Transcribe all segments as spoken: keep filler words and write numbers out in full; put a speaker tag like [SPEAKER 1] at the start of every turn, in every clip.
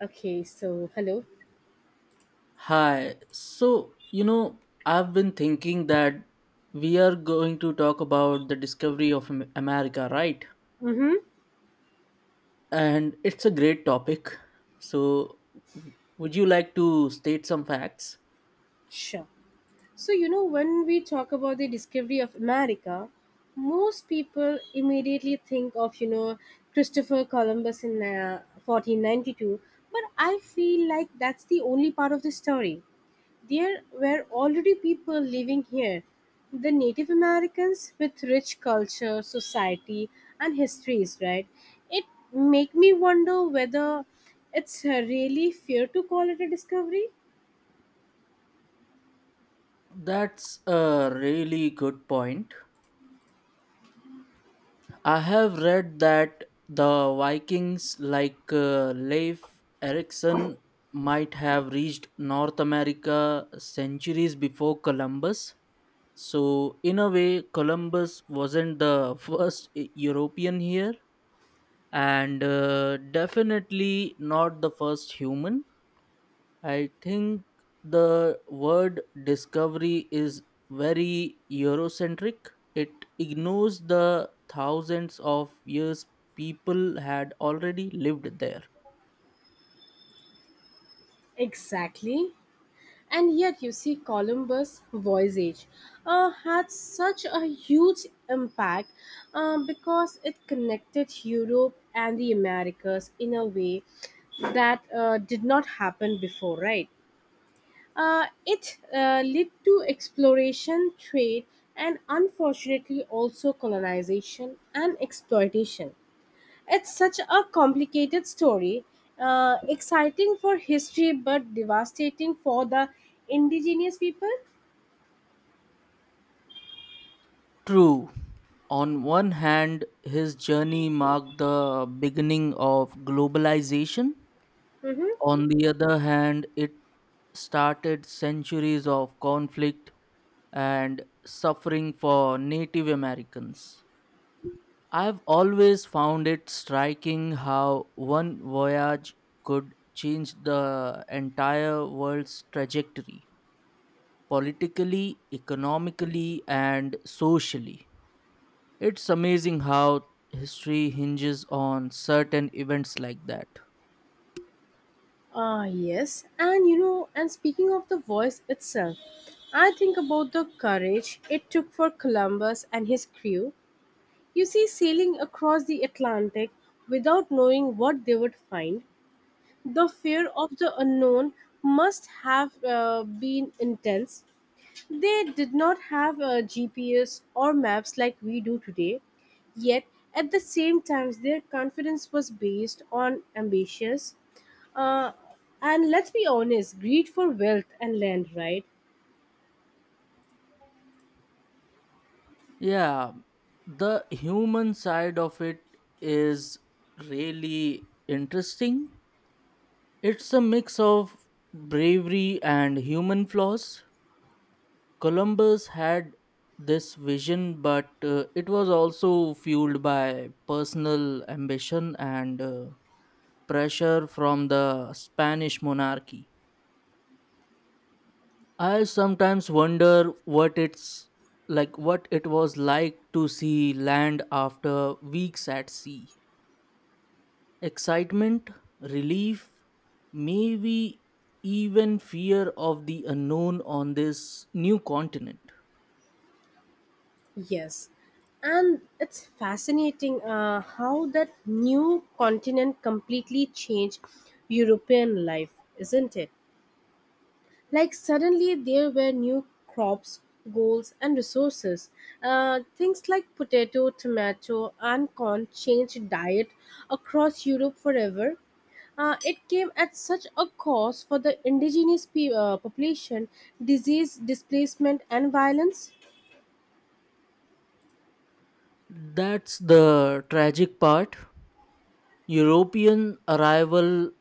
[SPEAKER 1] Okay, so hello.
[SPEAKER 2] Hi. So, you know, I've been thinking that we are going to talk about the discovery of Am- America, right?
[SPEAKER 1] Mm-hmm.
[SPEAKER 2] And it's a great topic. So, w- would you like to state some facts?
[SPEAKER 1] Sure. So, you know, when we talk about the discovery of America, most people immediately think of, you know, Christopher Columbus in uh, fourteen ninety-two, but I feel like that's the only part of the story. There were already people living here, the Native Americans with rich culture, society, and histories, right? It make me wonder whether it's uh, really fair to call it a discovery.
[SPEAKER 2] That's a really good point. I have read that the Vikings, like uh, Leif Erikson, might have reached North America centuries before Columbus. So, in a way, Columbus wasn't the first E-, European here, and uh, definitely not the first human. I think the word discovery is very Eurocentric. It ignores the thousands of years people had already lived there.
[SPEAKER 1] Exactly. And yet, you see, Columbus' voyage uh, had such a huge impact uh, because it connected Europe and the Americas in a way that uh, did not happen before, right? Uh, it uh, led to exploration, trade, and unfortunately also colonization and exploitation. It's such a complicated story, uh, exciting for history but devastating for the indigenous people.
[SPEAKER 2] True. On one hand, his journey marked the beginning of globalization.
[SPEAKER 1] Mm-hmm.
[SPEAKER 2] On the other hand, it started centuries of conflict and suffering for Native Americans. I've always found it striking how one voyage could change the entire world's trajectory, politically, economically, and socially. It's amazing how history hinges on certain events like that.
[SPEAKER 1] Ah, yes. And you know, and speaking of the voice itself, I think about the courage it took for Columbus and his crew. You see, sailing across the Atlantic without knowing what they would find, the fear of the unknown must have uh, been intense. They did not have uh, G P S or maps like we do today, yet, at the same time, their confidence was based on ambitious. Uh, and let's be honest, greed for wealth and land, right?
[SPEAKER 2] Yeah, the human side of it is really interesting. It's a mix of bravery and human flaws. Columbus had this vision, but uh, it was also fueled by personal ambition and uh, pressure from the Spanish monarchy. I sometimes wonder what it's like what it was like to see land after weeks at sea. Excitement, relief, maybe even fear of the unknown on this new continent.
[SPEAKER 1] Yes, and it's fascinating uh, how that new continent completely changed European life, isn't it? Like suddenly there were new crops, goals, and resources. Uh, things like potato, tomato, and corn changed diet across Europe forever. Uh, it came at such a cost for the indigenous pe- uh, population, disease, displacement, and violence.
[SPEAKER 2] That's the tragic part. European arrival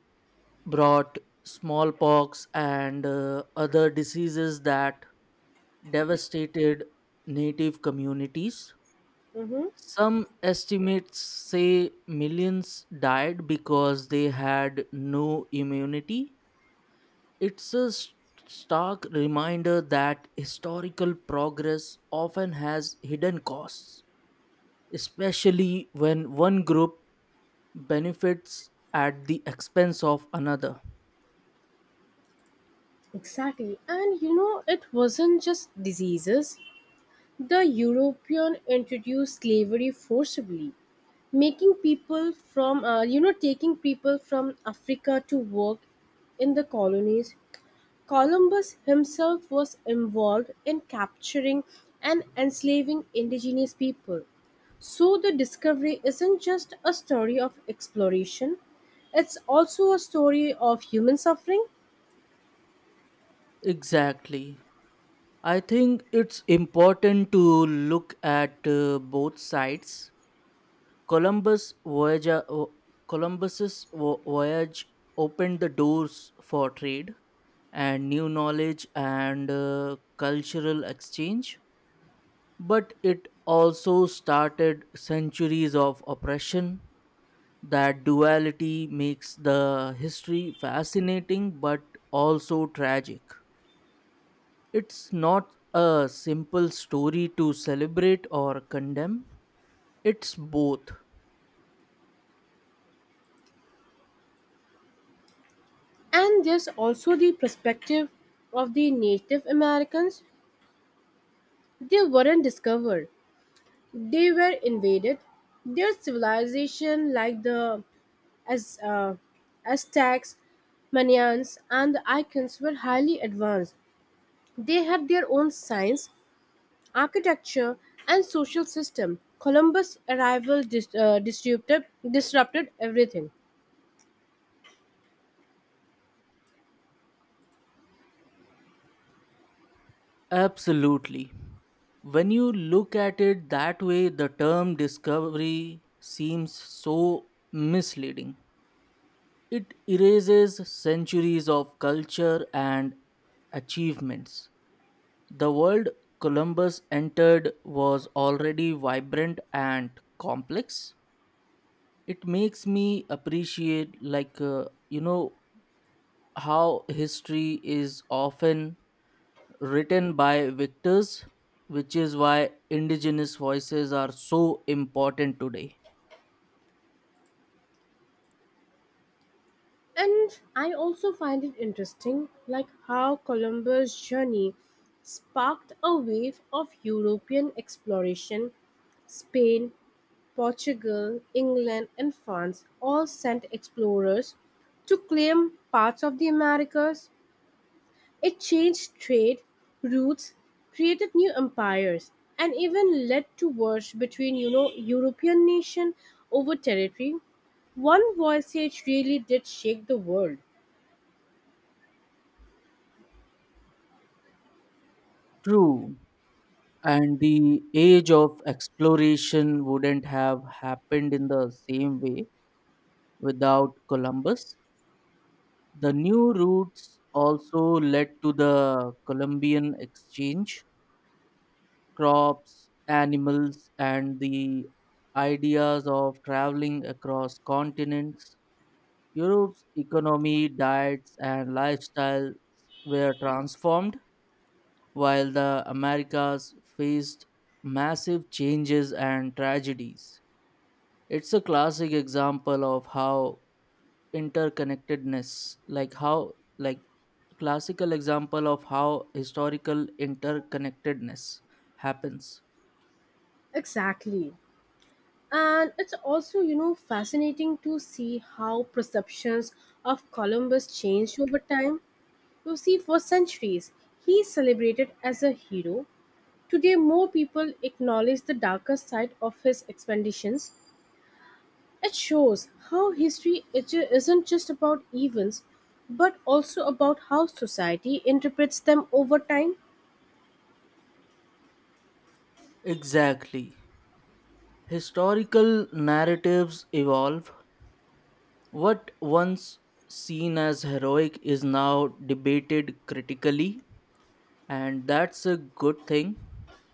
[SPEAKER 2] brought smallpox and uh, other diseases that devastated native communities.
[SPEAKER 1] Mhm.
[SPEAKER 2] Some estimates say millions died because they had no immunity. It's a s- stark reminder that historical progress often has hidden costs, especially when one group benefits at the expense of another.
[SPEAKER 1] Exactly. And you know, it wasn't just diseases. The European introduced slavery forcibly, making people from, uh, you know, taking people from Africa to work in the colonies. Columbus himself was involved in capturing and enslaving indigenous people. So the discovery isn't just a story of exploration, it's also a story of human suffering.
[SPEAKER 2] Exactly. I think it's important to look at uh, both sides. Columbus voyage, o- Columbus's vo- voyage opened the doors for trade and new knowledge and uh, cultural exchange, but it also started centuries of oppression. That duality makes the history fascinating but also tragic. It's not a simple story to celebrate or condemn. It's both.
[SPEAKER 1] And there's also the perspective of the Native Americans. They weren't discovered, they were invaded. Their civilization, like the as, uh, Aztecs, Mayans, and the Incans, were highly advanced. They had their own science, architecture, and social system. Columbus' arrival dis- uh, disrupted, disrupted everything.
[SPEAKER 2] Absolutely. When you look at it that way, the term discovery seems so misleading. It erases centuries of culture and achievements. The world Columbus entered was already vibrant and complex. It makes me appreciate, like, uh, you know, how history is often written by victors, which is why indigenous voices are so important today.
[SPEAKER 1] And I also find it interesting, like how Columbus' journey sparked a wave of European exploration. Spain, Portugal, England, and France all sent explorers to claim parts of the Americas. It changed trade routes, created new empires, and even led to wars between, you know, European nation over territory. One voyage really did shake the world.
[SPEAKER 2] True. And the age of exploration wouldn't have happened in the same way without Columbus. The new routes also led to the Columbian exchange, crops, animals, and the ideas of traveling across continents. Europe's economy, diets, and lifestyles were transformed, while the Americas faced massive changes and tragedies. It's a classic example of how interconnectedness, like how, like, classical example of how historical interconnectedness happens.
[SPEAKER 1] Exactly. And it's also, you know, fascinating to see how perceptions of Columbus changed over time. You see, for centuries, he is celebrated as a hero. Today, more people acknowledge the darker side of his expeditions. It shows how history is- isn't just about events, but also about how society interprets them over time.
[SPEAKER 2] Exactly. Historical narratives evolve. What once seen as heroic is now debated critically, and that's a good thing.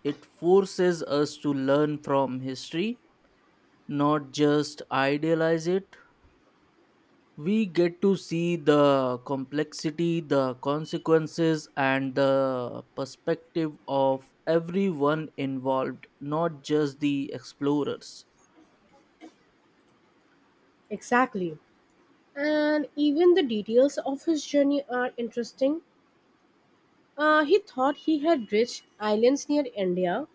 [SPEAKER 2] It forces us to learn from history, not just idealize it. We get to see the complexity, the consequences, and the perspective of everyone involved, not just the explorers.
[SPEAKER 1] Exactly. And even the details of his journey are interesting. Uh, he thought he had reached islands near India,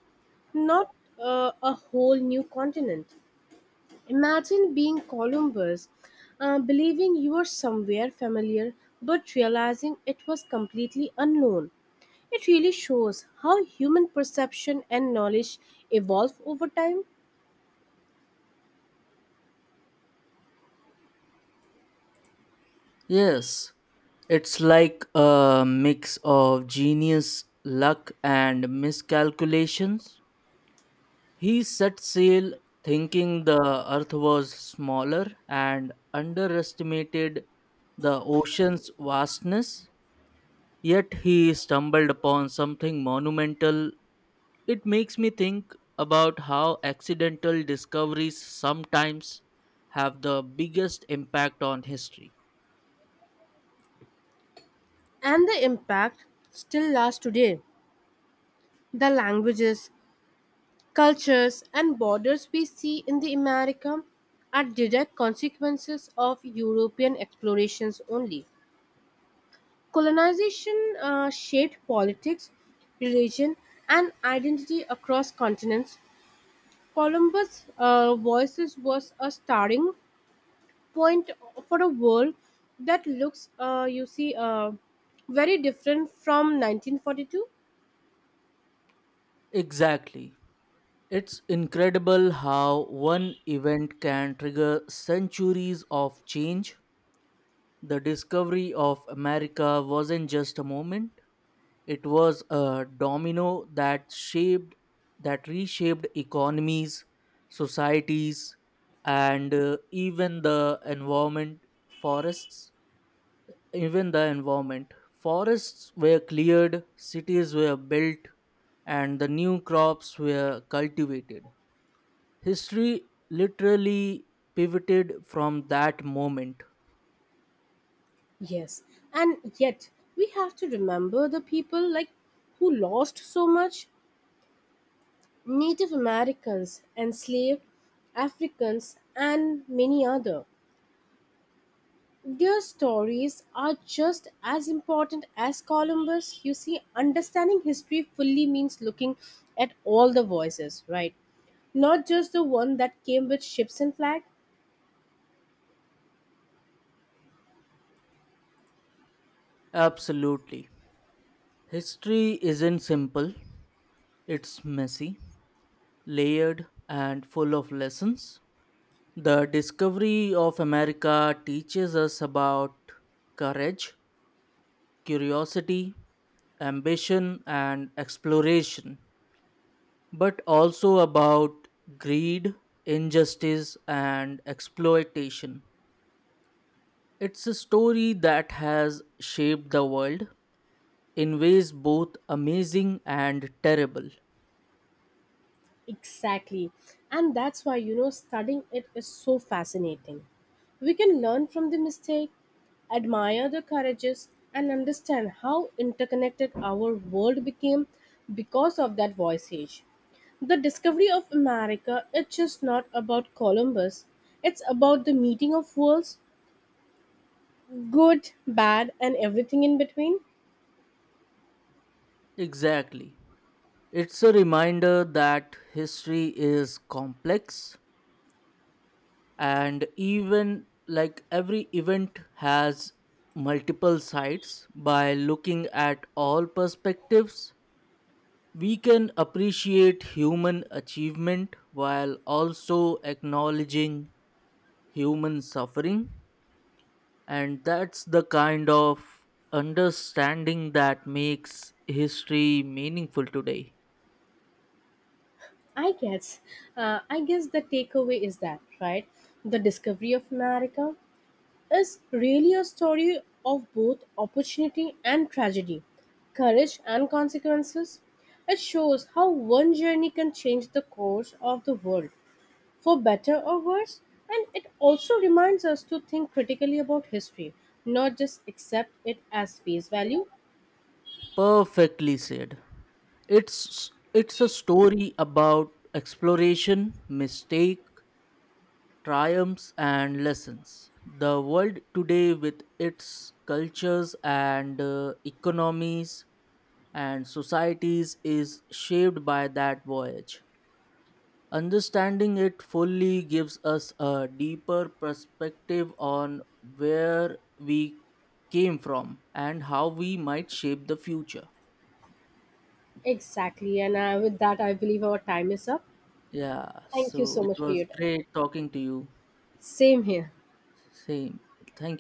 [SPEAKER 1] not uh, a whole new continent. Imagine being Columbus, uh, believing you were somewhere familiar but realizing it was completely unknown. It really shows how human perception and knowledge evolve over time,
[SPEAKER 2] Yes, it's like a mix of genius, luck, and miscalculations. He set sail thinking the earth was smaller and underestimated the ocean's vastness, yet he stumbled upon something monumental. It makes me think about how accidental discoveries sometimes have the biggest impact on history.
[SPEAKER 1] and the impact still lasts today. The languages, cultures, and borders we see in the America are direct consequences of European explorations only. Colonization uh, shaped politics, religion, and identity across continents. Columbus' uh, voices was a starting point for a world that looks, uh, you see, uh, very different from nineteen forty-two.
[SPEAKER 2] Exactly. It's incredible how one event can trigger centuries of change. The discovery of America wasn't just a moment, it was a domino that shaped that reshaped economies, societies, and uh, even the environment forests even the environment, forests were cleared, cities were built, and the new crops were cultivated. History literally pivoted from that moment.
[SPEAKER 1] Yes, and yet we have to remember the people like who lost so much: Native Americans, enslaved Africans, and many other. Their stories are just as important as Columbus. You see, understanding history fully means looking at all the voices, right? Not just the one that came with ships and flag.
[SPEAKER 2] Absolutely. History isn't simple, it's messy, layered, and full of lessons. The discovery of America teaches us about courage, curiosity, ambition, and exploration, but also about greed, injustice, and exploitation. It's a story that has shaped the world in ways both amazing and terrible.
[SPEAKER 1] Exactly. And that's why, you know, studying it is so fascinating. We can learn from the mistake, admire the courageous, and understand how interconnected our world became because of that voyage. The discovery of America is just not about Columbus, it's about the meeting of worlds, good, bad, and everything in between.
[SPEAKER 2] Exactly. It's a reminder that history is complex and even like every event has multiple sides. By looking at all perspectives, we can appreciate human achievement while also acknowledging human suffering. And that's the kind of understanding that makes history meaningful today.
[SPEAKER 1] I guess. Uh, I guess the takeaway is that, right? The discovery of America is really a story of both opportunity and tragedy, courage and consequences. It shows how one journey can change the course of the world, for better or worse, and it also reminds us to think critically about history, not just accept it as face value.
[SPEAKER 2] Perfectly said. It's it's a story about exploration, mistake, triumphs and lessons. The world today with its cultures and uh, economies and societies is shaped by that voyage. Understanding it fully gives us a deeper perspective on where we came from and how we might shape the future.
[SPEAKER 1] Exactly, and uh, with that, I believe our time is up.
[SPEAKER 2] Yeah,
[SPEAKER 1] Thank you
[SPEAKER 2] so
[SPEAKER 1] so
[SPEAKER 2] it
[SPEAKER 1] much for
[SPEAKER 2] was
[SPEAKER 1] your time.
[SPEAKER 2] great talking to you.
[SPEAKER 1] Same here.
[SPEAKER 2] Same. Thank